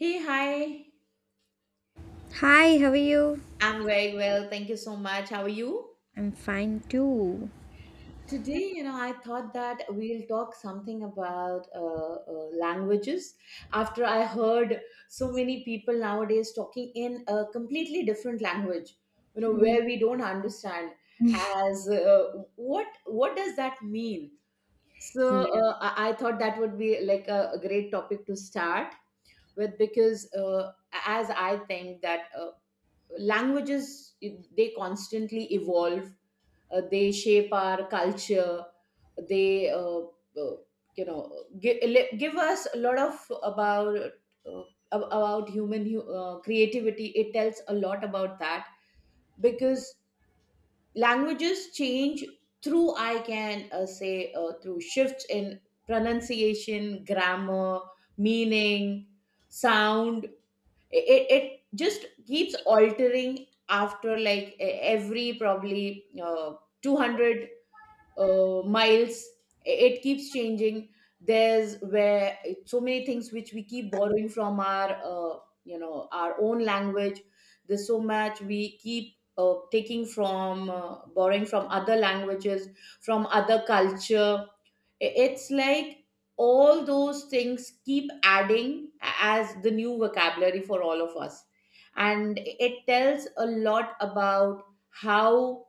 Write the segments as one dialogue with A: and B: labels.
A: Hey, hi.
B: Hi, how are you?
A: I'm very well. Thank you so much. How are you?
B: I'm fine too.
A: Today, I thought that we'll talk something about languages after I heard so many people nowadays talking in a completely different language,
B: Mm.
A: where we don't understand as what does that mean? So
B: Yeah.
A: uh, I, I thought that would be like a great topic to start with, because as I think that languages, they constantly evolve, they shape our culture, they uh, you know give, give us a lot of about uh, about human creativity. It tells a lot about that because languages change through, I can say, through shifts in pronunciation, grammar, meaning, sound. It just keeps altering after like every probably 200 miles. It keeps changing. There's where so many things which we keep borrowing from our you know our own language. There's so much we keep taking from, borrowing from other languages, from other culture. It's like all those things keep adding as the new vocabulary for all of us. And it tells a lot about how,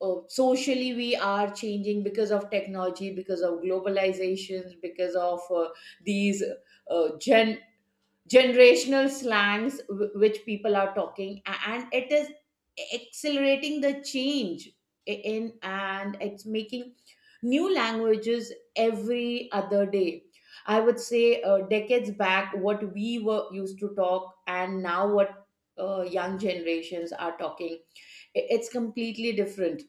A: socially we are changing because of technology, because of globalizations, because of these, uh, gen generational slangs which people are talking, and it is accelerating the change in, and it's making new languages every other day. I would say decades back what we were used to talk, and now what young generations are talking, it's completely different.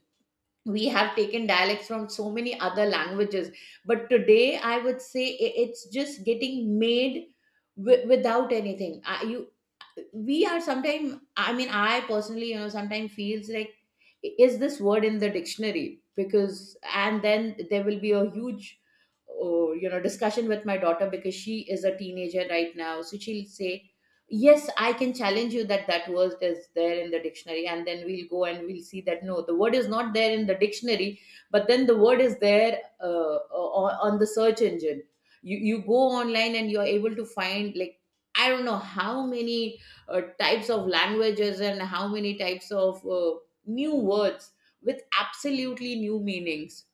A: We have taken dialects from so many other languages, but today I would say it's just getting made, without anything. I, you We are sometimes, I mean, I personally sometimes feels like, is this word in the dictionary? Because, and then there will be a huge or discussion with my daughter, because she is a teenager right now, so she'll say, yes, I can challenge you that that word is there in the dictionary, and then we'll go and we'll see that no, the word is not there in the dictionary, but then the word is there on the search engine. You go online and you're able to find like, I don't know how many types of languages and how many types of new words with absolutely new meanings.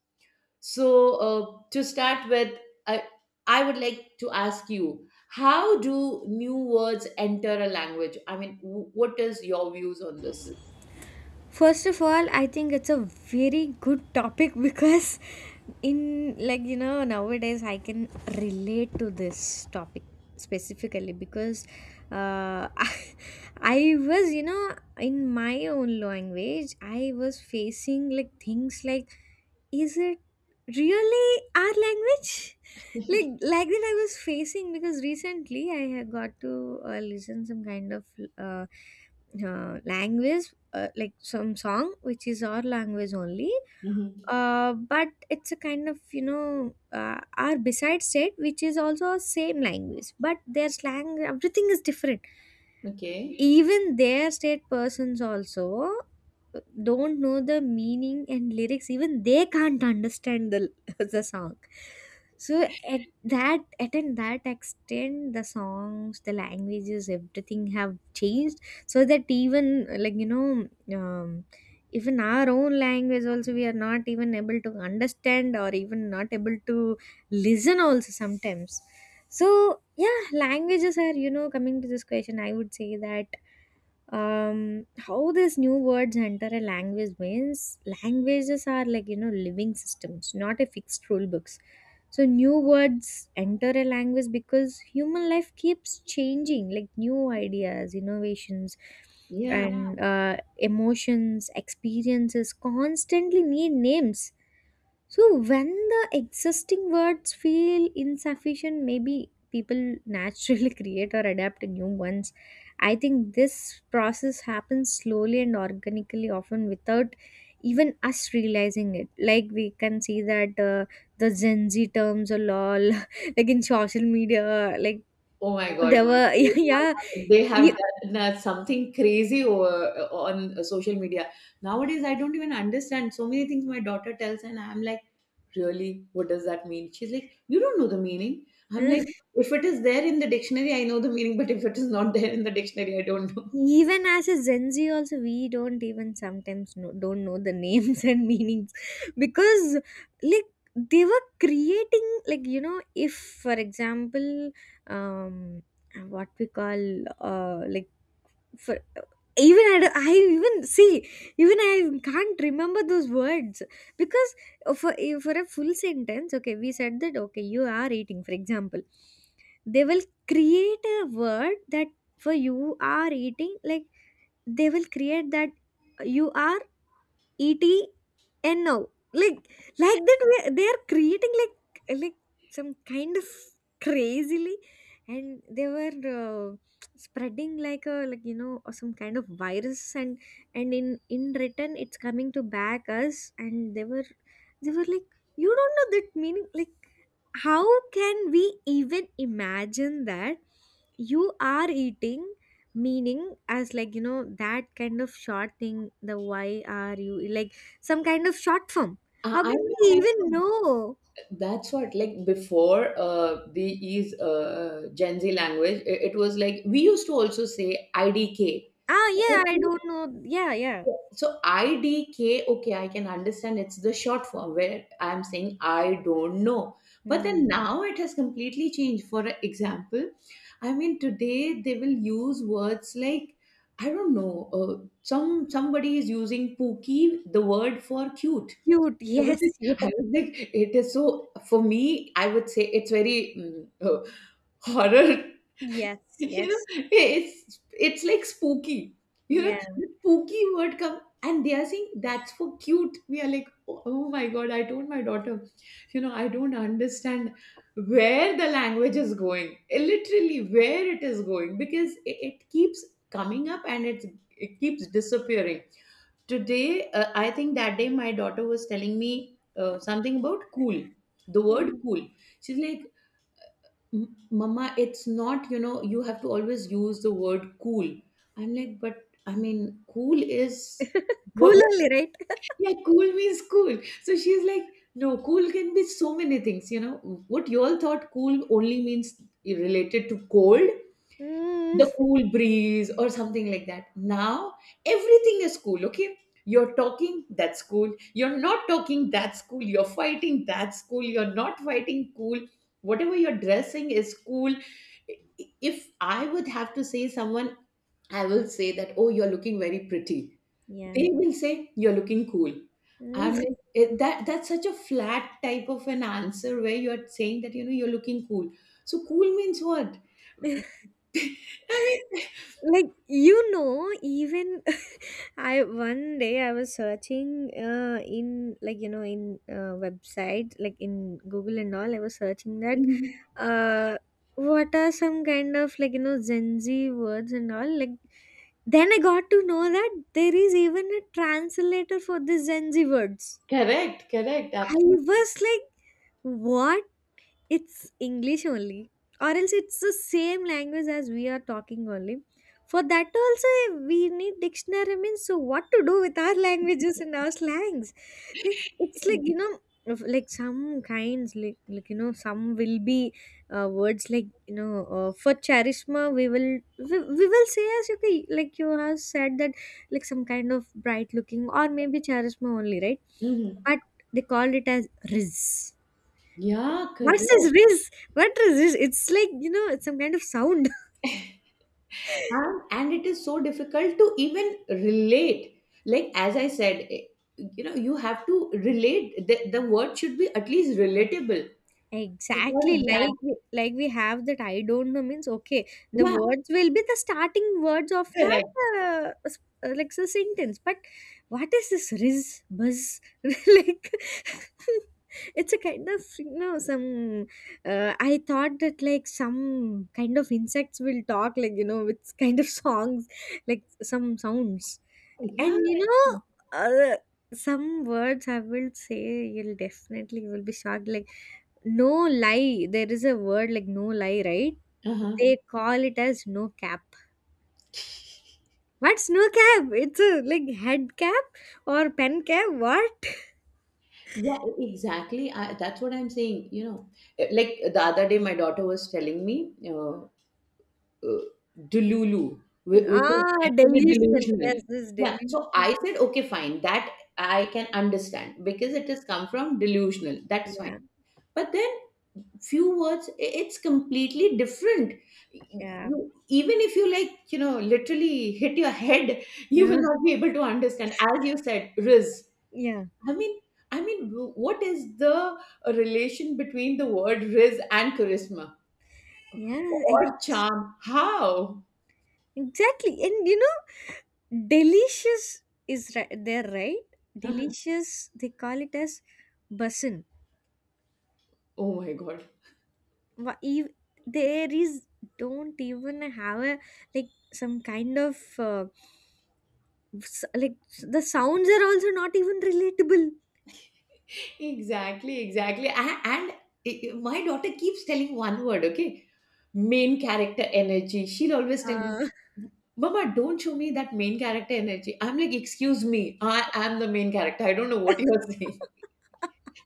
A: So, to start with, I, I would like to ask you, how do new words enter a language? I mean, what is your views on this?
B: First of all, I think it's a very good topic because in like you know nowadays I can relate to this topic specifically because uh, I was in my own language I was facing like things like is it really our language like that I was facing because recently I had got to listen some kind of uh, language like some song which is our language only,
A: Mhm.
B: but it's a kind of our beside state which is also same language but their slang everything is different,
A: Okay.
B: even their state persons also don't know the meaning and lyrics, even they can't understand the the song. So at that at an that extent the songs the languages everything have changed, so that even um, even our own language also we are not even able to understand or even not able to listen also sometimes. So yeah languages are, coming to this question I would say that, how these new words enter a language means, languages are living systems, not a fixed rule books. So new words enter a language because human life keeps changing, like new ideas, innovations
A: Yeah.
B: and Yeah. Emotions, experiences constantly need names. So when the existing words feel insufficient, maybe people naturally create or adapt new ones. I think this process happens slowly and organically, often without even us realizing it. Like we can see that the Gen Z terms are lol, like in social media, like
A: Oh my
B: Oh,
A: God.
B: there were yeah,
A: They have done something crazy over, on social media. Nowadays, I don't even understand so many things my daughter tells, and I'm like, really? What does that mean? She's like, you don't know the meaning. I'm
B: yeah.
A: like, if it is there in the dictionary, I know the meaning, but if it is not there in the dictionary, I don't know.
B: Even as a Gen Z, also we don't even sometimes know, don't know the names and meanings because like they were creating if for example um what we call for I even see even I can't remember those words because for a full sentence, okay we said that okay you are eating, for example they will create a word that for you are eating, like they will create that you are E-T-N-O. Like that we they are creating like some kind of crazily, and they were uh, spreading like a or some kind of virus, and and in return it's coming to back us, and they were like, you don't know that meaning, like how can we even imagine that you are eating meaning as that kind of short thing, the why are you like some kind of short form,
A: I
B: how
A: I
B: can
A: know,
B: we
A: I
B: even
A: know.
B: know?
A: That's what, like before the is Gen Z language, it was like we used to also say IDK.
B: Ah yeah, I don't know, yeah, yeah.
A: So IDK, okay, I can understand it's the short form where I'm saying I don't know. But then
B: Hmm.
A: now it has completely changed. For example, I mean today they will use words like I don't know. Somebody is using pookie, the word for cute.
B: Cute
A: I was, like,
B: yes, yes.
A: I was like, it is so. For me, I would say it's very horror.
B: Yes,
A: you know,
B: yes.
A: it's it's like spooky. The spooky word come and they are saying that's for cute. We are like, oh, oh my god, I told my daughter, I don't understand where the language is going. Literally where it is going because it keeps coming up and it keeps disappearing. Today, I think that day my daughter was telling me something about cool, the
B: Yeah.
A: word cool. She's like, mama, it's not, you have to always use the word cool. I'm like, but I mean, cool is
B: Cool
A: what?
B: only, right?
A: Yeah, cool means cool. So she's like, no, cool can be so many things. You know what you all thought? Cool only means related to cold, the
B: Mm.
A: cool breeze or something like that. Now everything is cool, okay? You're talking, that's cool. You're not talking, that's cool. You're fighting, that's cool. You're not fighting, cool. Whatever you're dressing is cool. If I would have to say someone, I will say that, oh, you're looking very pretty.
B: Yeah.
A: They will say, you're looking cool. I
B: Mm.
A: mean, it, that that's such a flat type of an answer where you're saying that, you're looking cool. So cool means what? I mean,
B: Even I one day I was searching in in website like in google and all, I was searching that
A: Mhm.
B: uh what are some kind of Gen Z words and all, like then I got to know that there is even a translator for the Gen Z words.
A: Correct, correct,
B: I
A: absolutely.
B: was like what? It's English only, or else it's the same language as we are talking only. For that also, we need dictionary. Means so, what to do with our languages and our slangs? Like it's like you know, if- like some kinds, some will be words for charisma, we will, we will say as okay, like you have said that like some kind of bright looking or maybe charisma only, right?
A: Mhm.
B: But they called it as riz.
A: Yeah,
B: What
A: correct.
B: is this? What is this? It's it's some kind of sound.
A: And it is so difficult to even relate. Like, as I said, you have to relate. The word should be at least relatable. For
B: Exactly, like
A: example,
B: like we have that. I don't know means okay. The
A: yeah,
B: words will be the starting words of that
A: correct.
B: uh, s- like so sentence. But what is this riz buzz? like it's a kind of some. I thought that like some kind of insects will talk with kind of songs like some sounds.
A: Yeah,
B: And you know, uh, some words I will say you'll definitely you will be shocked. Like no lie, there is a word like no lie, right?
A: uh-huh.
B: They call it as no cap. What's no cap? It's a like head cap or pen cap. What?
A: Yeah, exactly. That's what I'm saying. Like the other day, my daughter was telling me, uh, delulu, which is
B: Ah,
A: actually
B: delusional.
A: delusional.
B: Yes, this is
A: Yeah.
B: delusional.
A: So I said, okay, fine. That I can understand because it has come from delusional. That's fine.
B: Yeah,
A: But then few words, it's completely different.
B: yeah,
A: You, even if you like, literally hit your head, you
B: yeah,
A: will not be able to understand. As you said, riz.
B: yeah,
A: I mean, I mean, what is the relation between the word riz and charisma
B: yeah.
A: or charm? How?
B: Exactly. And you know, delicious is right there, right? Delicious. They call it as basin.
A: Oh my God.
B: wha- ev- there is don't even have a like some kind of like the sounds are also not even relatable.
A: Exactly, exactly. And my daughter keeps telling one word, okay? Main character energy. She'll always tell me,
B: uh,
A: mama, don't show me that main character energy. I'm like, excuse me, I am the main character. I don't know what you are saying.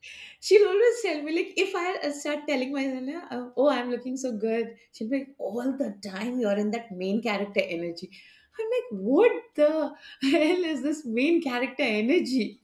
A: She'll always tell me, like, if I start telling myself, "Nah, oh, I'm looking so good," she'll be like, all the time you're in that main character energy. I'm like, what the hell is this main character energy?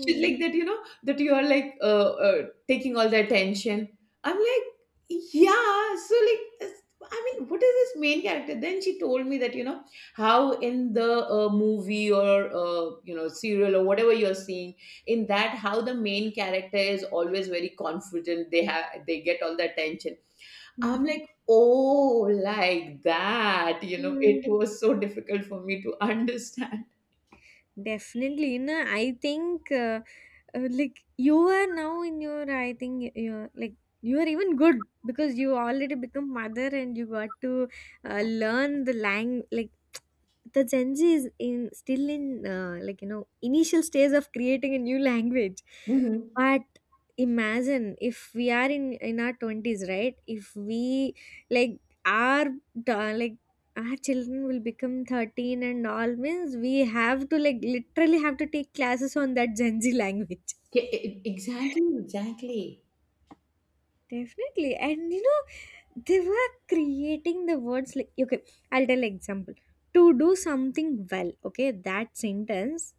A: She's like that, that you are like taking all the attention. I'm like, yeah. So like, I mean, what is this main character? Then she told me that you know how in the movie or serial or whatever you're seeing, in that how the main character is always very confident. They get all the attention. I'm like, oh, like that. It
B: Hmm.
A: was so difficult for me to understand.
B: Definitely, you. I think like you are now in your, I think you're like you are even good because you already become mother and you got to learn the lang like the Gen Z is in still in initial stage of creating a new language.
A: Mhm.
B: But imagine if we are in our twenties, right? If we like our like our children will become 13 and all, means we have to like literally have to take classes on that Gen Z language.
A: Yeah, Exactly, exactly.
B: Definitely. And you know, they were creating the words like, okay, I'll tell example. To do something well, okay, that sentence,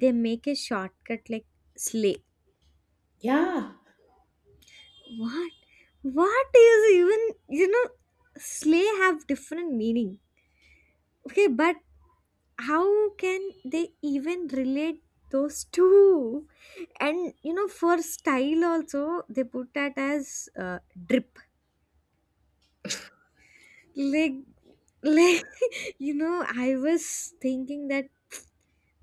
B: they make a shortcut like slay.
A: Yeah.
B: What? What is even, you know, slay have different meaning. Okay, but how can they even relate those two? And you know, for style also, they put that as drip. Like like I was thinking that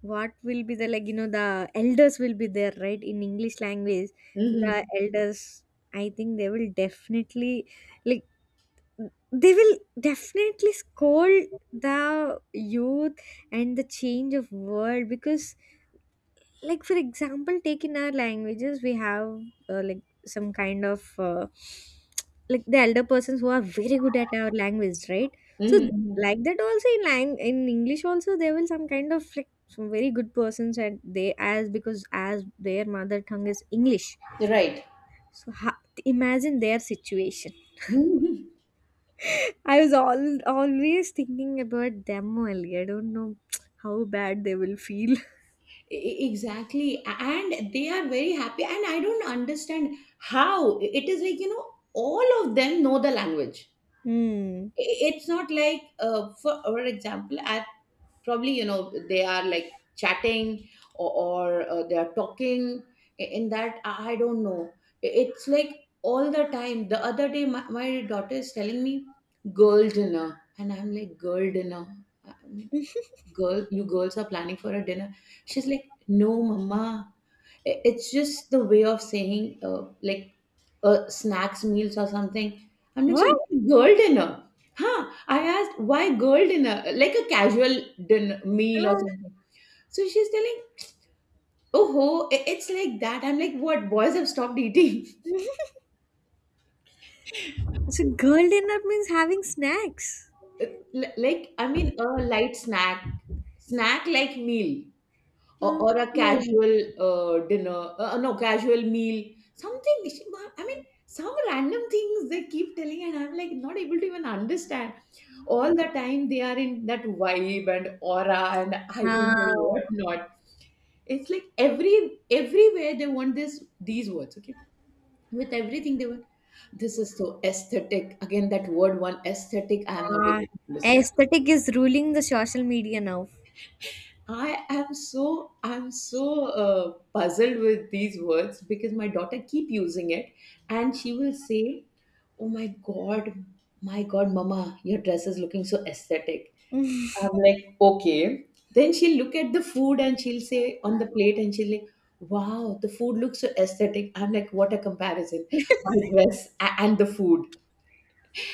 B: what will be the the elders will be there, right? In english language the
A: Mhm.
B: elders I think they will definitely like they will definitely scold the youth and the change of world, because like for example take in our languages we have like some kind of like the elder persons who are very good at our language, right? So
A: Mhm, mhm.
B: like that also in in english also there will some kind of like some very good persons and they as because as their mother tongue is english,
A: Right.
B: so imagine their situation.
A: Mhm.
B: I was all always thinking about them only, I don't know how bad they will feel.
A: Exactly. And they are very happy. And I don't understand how. It is like, all of them know the language.
B: Hmm.
A: It's not like, for example, at probably, they are like chatting or they are talking in that. I don't know. It's like all the time. The other day, my daughter is telling me, girl dinner. And I'm like, girl dinner. Uh, Girl, you girls are planning for a dinner? She's like, no mama, it's just the way of saying like snacks, meals or something. I'm like, so
B: What?
A: why girl dinner? Huh? I asked why girl dinner, like a casual dinner meal or
B: No.
A: something. So she's telling, oh ho, it's like that. I'm like, what, boys have stopped eating?
B: So girl dinner means having snacks.
A: Like, I mean, a light snack like meal, or a
B: Okay.
A: casual dinner, no, casual meal, something. I mean, some random things they keep telling, and I'm like, not able to even understand. All the time they are in that vibe and aura, and I don't know
B: Wow.
A: what not. It's like everywhere they want this these words, okay? With everything they want, this is so aesthetic. Again that word, one, aesthetic. I am not
B: Ah,
A: able to understand.
B: aesthetic is ruling the social media now.
A: I'm so puzzled with these words because my daughter keep using it, and she will say, "Oh my god, mama, your dress is looking so aesthetic." I'm like, okay. Then she'll look at the food and she'll say on the plate and she'll like, wow, the food looks so aesthetic. I'm like, what a comparison, my dress and the food.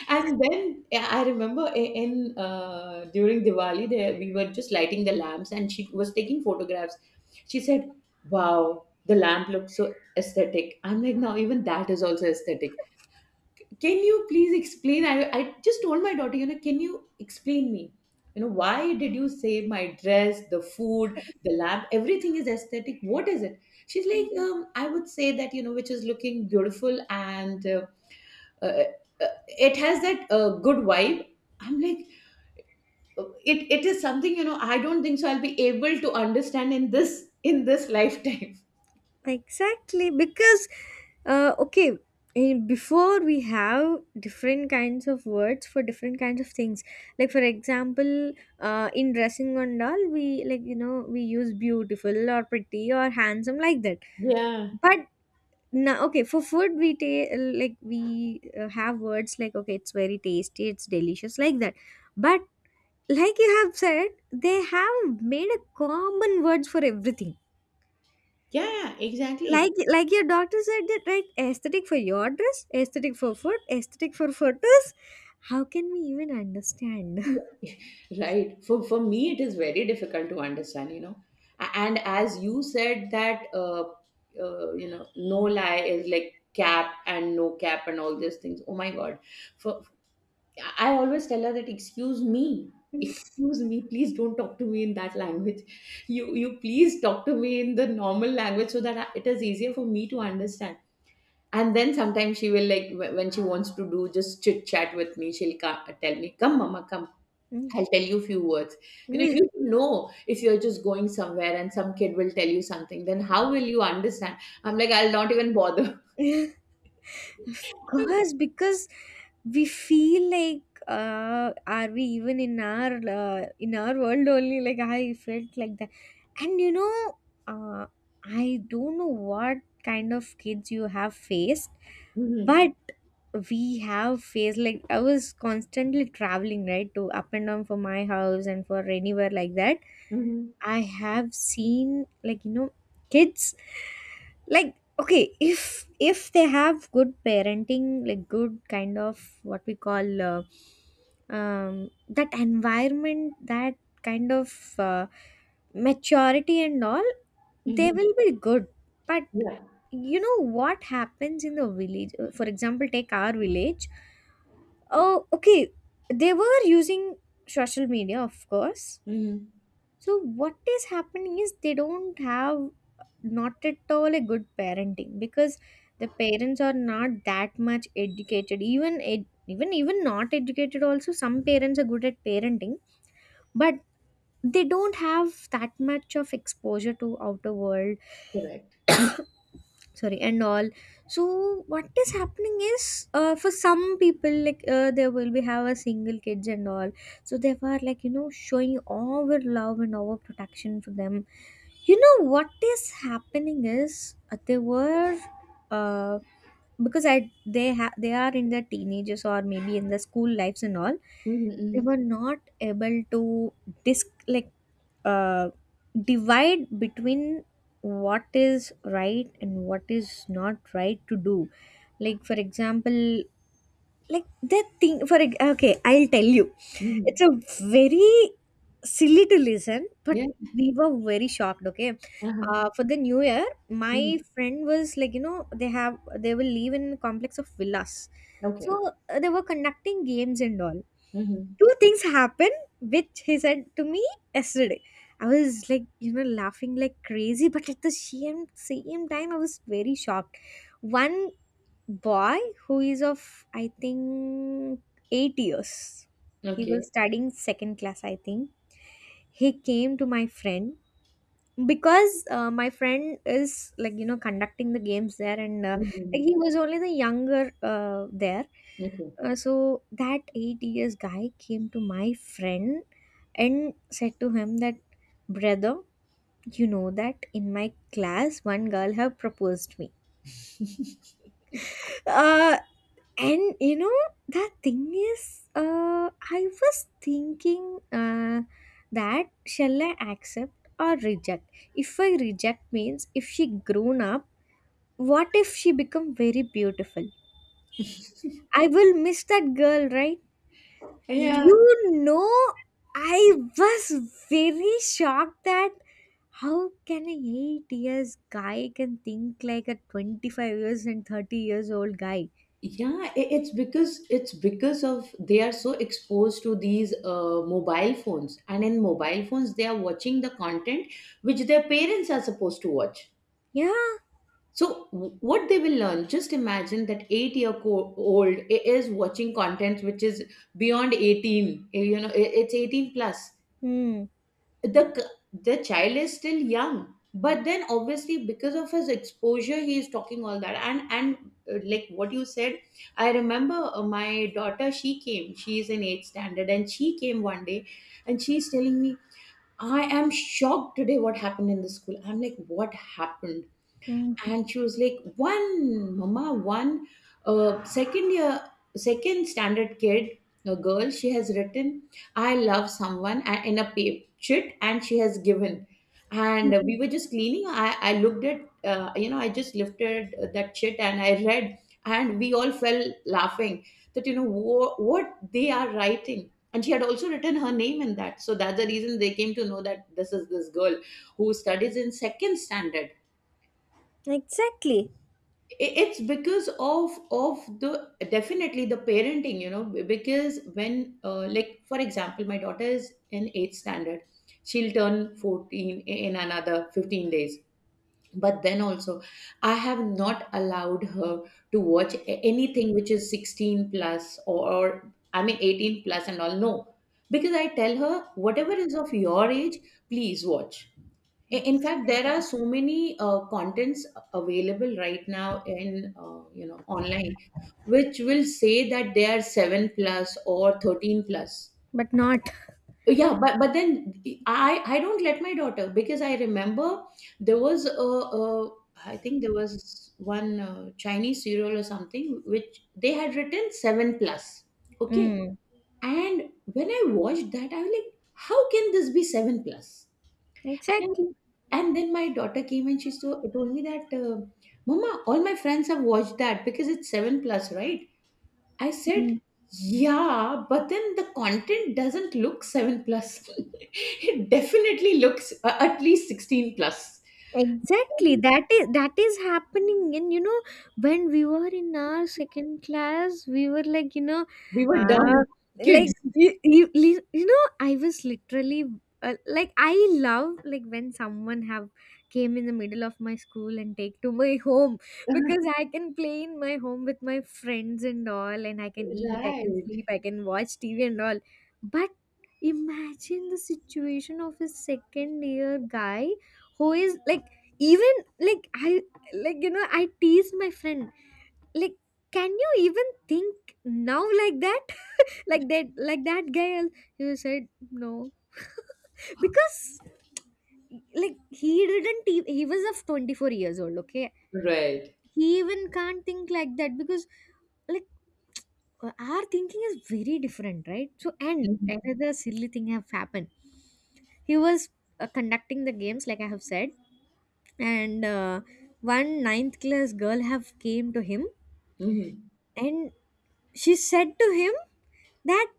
A: And then yeah, I remember I- in during Diwali, there we were just lighting the lamps, and she was taking photographs. She said, "Wow, the lamp looks so aesthetic." I'm like, "Now even that is also aesthetic." Can you please explain? I just told my daughter, can you explain me? Why did you say my dress, the food, the lamp, everything is aesthetic? What is it? She's like, I would say that which is looking beautiful and. Uh, it has that good vibe. I'm like, it is something I don't think so I'll be able to understand in this lifetime.
B: Exactly, because okay, in, before we have different kinds of words for different kinds of things. Like for example, in dressing on doll, we we use beautiful or pretty or handsome like that.
A: Yeah.
B: But now okay for food we like we have words like okay it's very tasty it's delicious like that, but like you have said they have made a common words for everything,
A: Yeah, exactly.
B: like your doctor said that, right? Aesthetic for your dress, aesthetic for food, aesthetic for photos, how can we even understand?
A: Yeah. Right. For me, it is very difficult to understand, you know. And as you said that, uh, you know, no lie is like cap and no cap and all these things. Oh my God. For, I always tell her that excuse me, please don't talk to me in that language. You please talk to me in the normal language so that it is easier for me to understand. And then sometimes she will like when she wants to do just chit chat with me, she'll tell me, "Come, mama, come." I'll tell you a few words. You know, you
B: Mm.
A: should know if you're just going somewhere and some kid will tell you something, then how will you understand? I'm like, I'll not even bother.
B: Of course, because we feel like are we even in our world only? Like I felt like that, and you know, uh, I don't know what kind of kids you have faced,
A: Hmm.
B: but we have faced like I was constantly traveling right to up and down for my house and for anywhere like that.
A: Hmm.
B: I have seen kids like okay if they have good parenting, like good kind of what we call um that environment, that kind of uh, maturity and all, they
A: Hmm.
B: will be good. But
A: Yeah.
B: you know what happens in the village? For example take our village, oh okay they were using social media of course.
A: Hmm.
B: So what is happening is they don't have not at all a good parenting, because the parents are not that much educated, even even even not educated also some parents are good at parenting, but they don't have that much of exposure to outer world,
A: Correct.
B: sorry and all. So what is happening is for some people like they will be have a single kids and all, so they were showing our love and our protection for them. You know what is happening is they were uh, because I they are in their teenagers or maybe in the school lives and all,
A: Mhm,
B: they
A: mhm,
B: were not able to disc like uh, divide between what is right and what is not right to do. Like for example like that thing okay I'll tell you, it's
A: mhm.
B: a very silly to listen but
A: Yeah.
B: we were very shocked, okay.
A: Uh-huh.
B: For the new year
A: Mhm.
B: my friend was they have they will live in a complex of villas.
A: Okay,
B: So
A: okay.
B: they were conducting games and all.
A: Mhm.
B: Two things happened which he said to me yesterday, I was laughing Like crazy, but at the same time I was very shocked. One boy who is of, I think, 8 years, he was
A: Okay.
B: studying second class I think. He came to my friend because my friend is like conducting the games there and like
A: Mhm.
B: he was only the younger there.
A: Okay.
B: So that 8 years guy came to my friend and said to him that, brother, you know that in my class one girl have proposed me, uh and you know the thing is, I was thinking that shall I accept or reject. If I reject means, if she grown up, what if she become very beautiful, I will miss that girl, right?
A: Yeah,
B: You know, I was very shocked that how can a 8 years guy can think like a 25 years and 30 years old guy.
A: yeah, it's because of they are so exposed to these mobile phones, and in mobile phones they are watching the content which their parents are supposed to watch.
B: Yeah.
A: So what they will learn? Just imagine that eight-year-old is watching content which is beyond 18. You know, it's 18 plus.
B: Hmm.
A: The child is still young, but then obviously because of his exposure he is talking all that. And like what you said, I remember my daughter, she came, she is in 8th standard and she came one day and she's telling me, "I am shocked today, what happened in the school?" I'm like, "What happened?"
B: Hmm.
A: And she was like, "One mama, one second year, second standard kid, a girl, she has written 'I love someone' in a chit and she has given." And we were just cleaning, I looked at, you know, I just lifted that chit and I read, and we all fell laughing that, you know, what they are writing. And she had also written her name in that, so that's the reason they came to know that this is this girl who studies in second standard.
B: Exactly.
A: It's because of the definitely the parenting, you know, because when, like for example, my daughter is in eighth standard, she'll turn 14 in another 15 days, but then also I have not allowed her to watch anything which is 16 plus, or I mean 18 plus and all. No, because I tell her whatever is of your age, please watch. I- In fact, there are
B: Exactly.
A: so many contents available right now in, you know, online, which will say that they are seven plus or 13 plus.
B: But not.
A: Yeah, but then I don't let my daughter, because I remember there was a, I think there was one Chinese serial or something which they had written seven plus. Okay,
B: Mm.
A: and when I watched that, I was like, how can this be seven plus? And
B: Exactly.
A: and then my daughter came and she told me that, "Mama, all my friends have watched that because it's 7 plus, right?" I said,
B: Mm.
A: "Yeah, but then the content doesn't look 7 plus." It definitely looks at least 16 plus.
B: Exactly. That is happening. And you know, when we were in our second class, we were like, you know,
A: We were
B: uh,
A: dumb
B: like
A: kids.
B: you know, I was literally, like I love like when someone have came in the middle of my school and take to my home, because I can play in my home with my friends and all, and I can eat, I can
A: Right.
B: sleep, I can watch TV and all. But imagine the situation of a second year guy who is like even, like I, like you know, I teased my friend like, can you even think now like that like that, like that guy? He said no because like he didn't e- he was of 24 years old, okay.
A: Right.
B: He even can't think like that because, like, our thinking is very different, right? So and
A: Mhm.
B: another silly thing have happened. He was conducting the games like I have said, and one ninth class girl have came to him.
A: Mhm.
B: And she said to him that,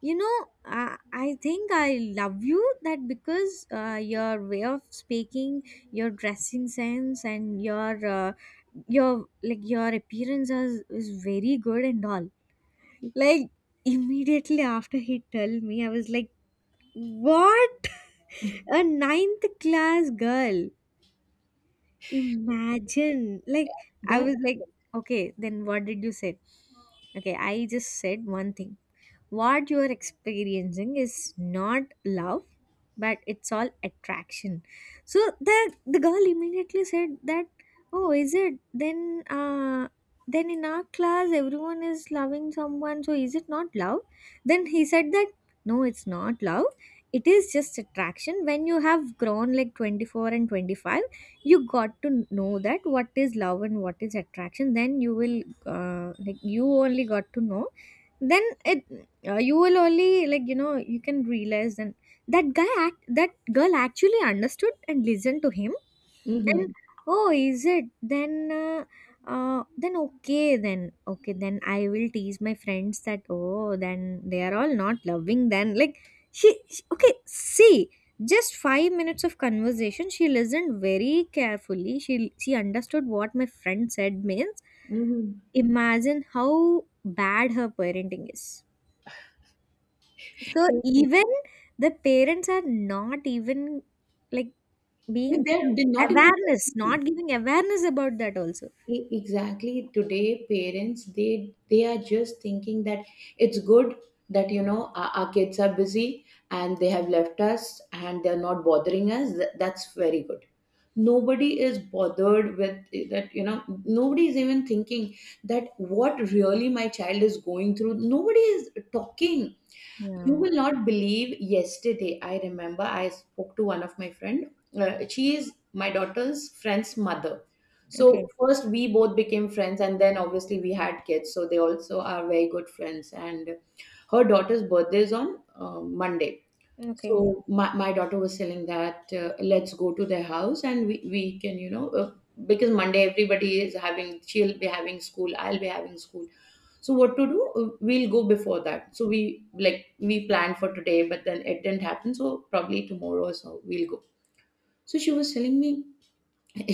B: you know, I think I love you that because your way of speaking, your dressing sense and your like your appearance is very good and all. Like immediately after he told me, I was like, what? A ninth class girl. Imagine, like, I
A: That.
B: was like, okay, then what did you say? Okay, I just said one thing. What you are experiencing is not love, but it's all attraction. So the girl immediately said that, oh, is it? Then then in our class everyone is loving someone, so is it not love? Then he said that no, it's not love, it is just attraction. When you have grown like 24 and 25, you got to know that what is love and what is attraction. Then you will, like you only got to know, then it, you will only, like you know, you can realize. And that girl actually understood and listened to him. And,
A: Mm-hmm.
B: oh, is it? Then uh, then okay then, okay then, I will tease my friends that, oh, then they are all not loving then. Like she, okay, see, just 5 minutes of conversation she listened very carefully. She understood what my friend said means.
A: Mm-hmm.
B: Imagine how bad her parenting is. So even the parents are not even, like, being
A: They did not even.
B: awareness, not giving awareness about that also.
A: Exactly, today parents, they are just thinking that it's good that, you know, our kids are busy and they have left us and they're not bothering us. That's very good. Nobody is bothered with that, you know, nobody is even thinking that what really my child is going through. Nobody is talking. You
B: Yeah.
A: will not believe, yesterday I remember I spoke to one of my friend. She is my daughter's friend's mother.
B: Okay.
A: So first we both became friends, and then obviously we had kids. So they also are very good friends. And her daughter's birthday is on Monday.
B: Okay.
A: So my daughter was telling that, let's go to their house and we can, you know, because Monday everybody is having, she'll be having school, I'll be having school. So what to do? We'll go before that. So we planned for today, but then it didn't happen. So probably tomorrow or so we'll go. So she was telling me,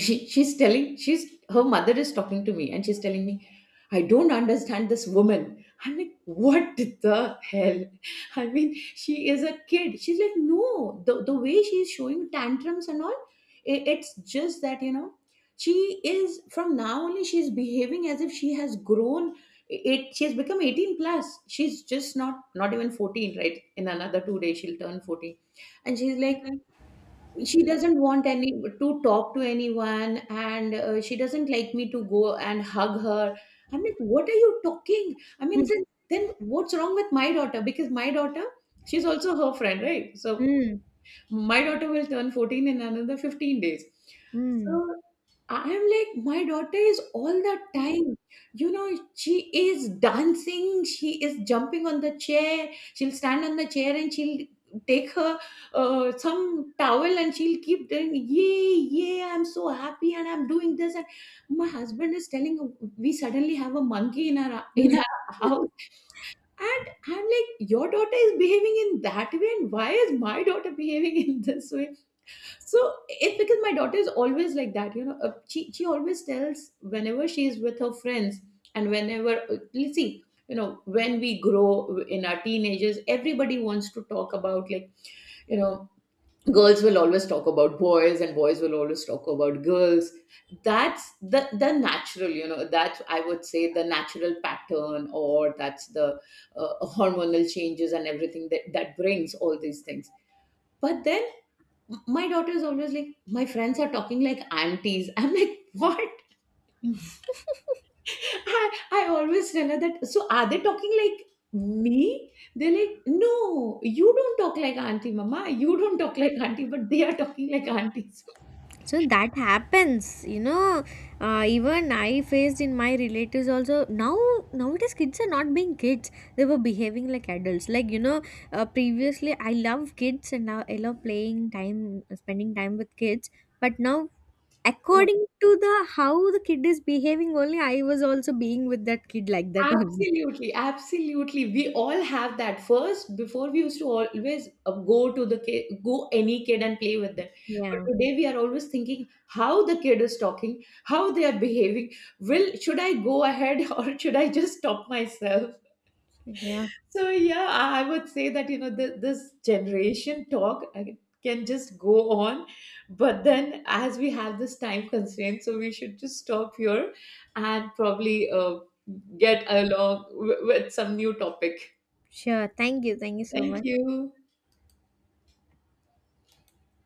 A: she's telling, she's her mother is talking to me and she's telling me, "I don't understand this woman." I'm like, "What the hell, I mean, she is a kid." She's like, "No, the way she's showing tantrums and all, it's just that, you know, she is from now only, she's behaving as if she has grown, it she has become 18 plus, she's just not even 14, right? In another 2 days she'll turn 14. And she's like, she doesn't want any to talk to anyone, and she doesn't like me to go and hug her." I'm like, "What are you talking? I mean, then what's wrong with my daughter? Because my daughter, she's also her friend, right?" So
B: Mm.
A: my daughter will turn 14 in another 15 days.
B: Mm.
A: So I'm like, my daughter is all the time, you know, she is dancing, she is jumping on the chair, she'll stand on the chair and she'll take her some towel and she'll keep doing, "Yay, yay, I'm so happy and I'm doing this." And my husband is telling, we suddenly have a monkey in our house. And I'm like, your daughter is behaving in that way, and why is my daughter behaving in this way? So it's because my daughter is always like that, you know. She always tells, whenever she is with her friends, and whenever let's see, you know, when we grow in our teenagers, everybody wants to talk about, like, you know, girls will always talk about boys and boys will always talk about girls. That's the natural, you know, that's, I would say, the natural pattern, or that's the, uh, hormonal changes and everything, that brings all these things. But then my daughter is always like, my friends are talking like aunties. I'm like, what? I always tell her that, so are they talking like me? They're like, no, you don't talk like auntie mama, you don't talk like auntie, but they are talking like aunties.
B: So that happens, you know. Even I faced in my relatives also. Now, nowadays kids are not being kids; they were behaving like adults. Like you know, previously I love kids and now I love playing time, spending time with kids. But now, according to the how the kid is behaving only, I was also being with that kid like that only.
A: Absolutely, absolutely. We all have that. First, before, we used to always go to the kid, go any kid and play with them. But
B: Yeah.
A: today we are always thinking how the kid is talking, how they are behaving. Will, should I go ahead or should I just stop myself?
B: Yeah.
A: So yeah, I would say that, you know, this generation talk can just go on, but then as we have this time constraint, so we should just stop here and probably get along with some new topic.
B: Sure. Thank you. Thank you so
A: Thank
B: much.
A: you.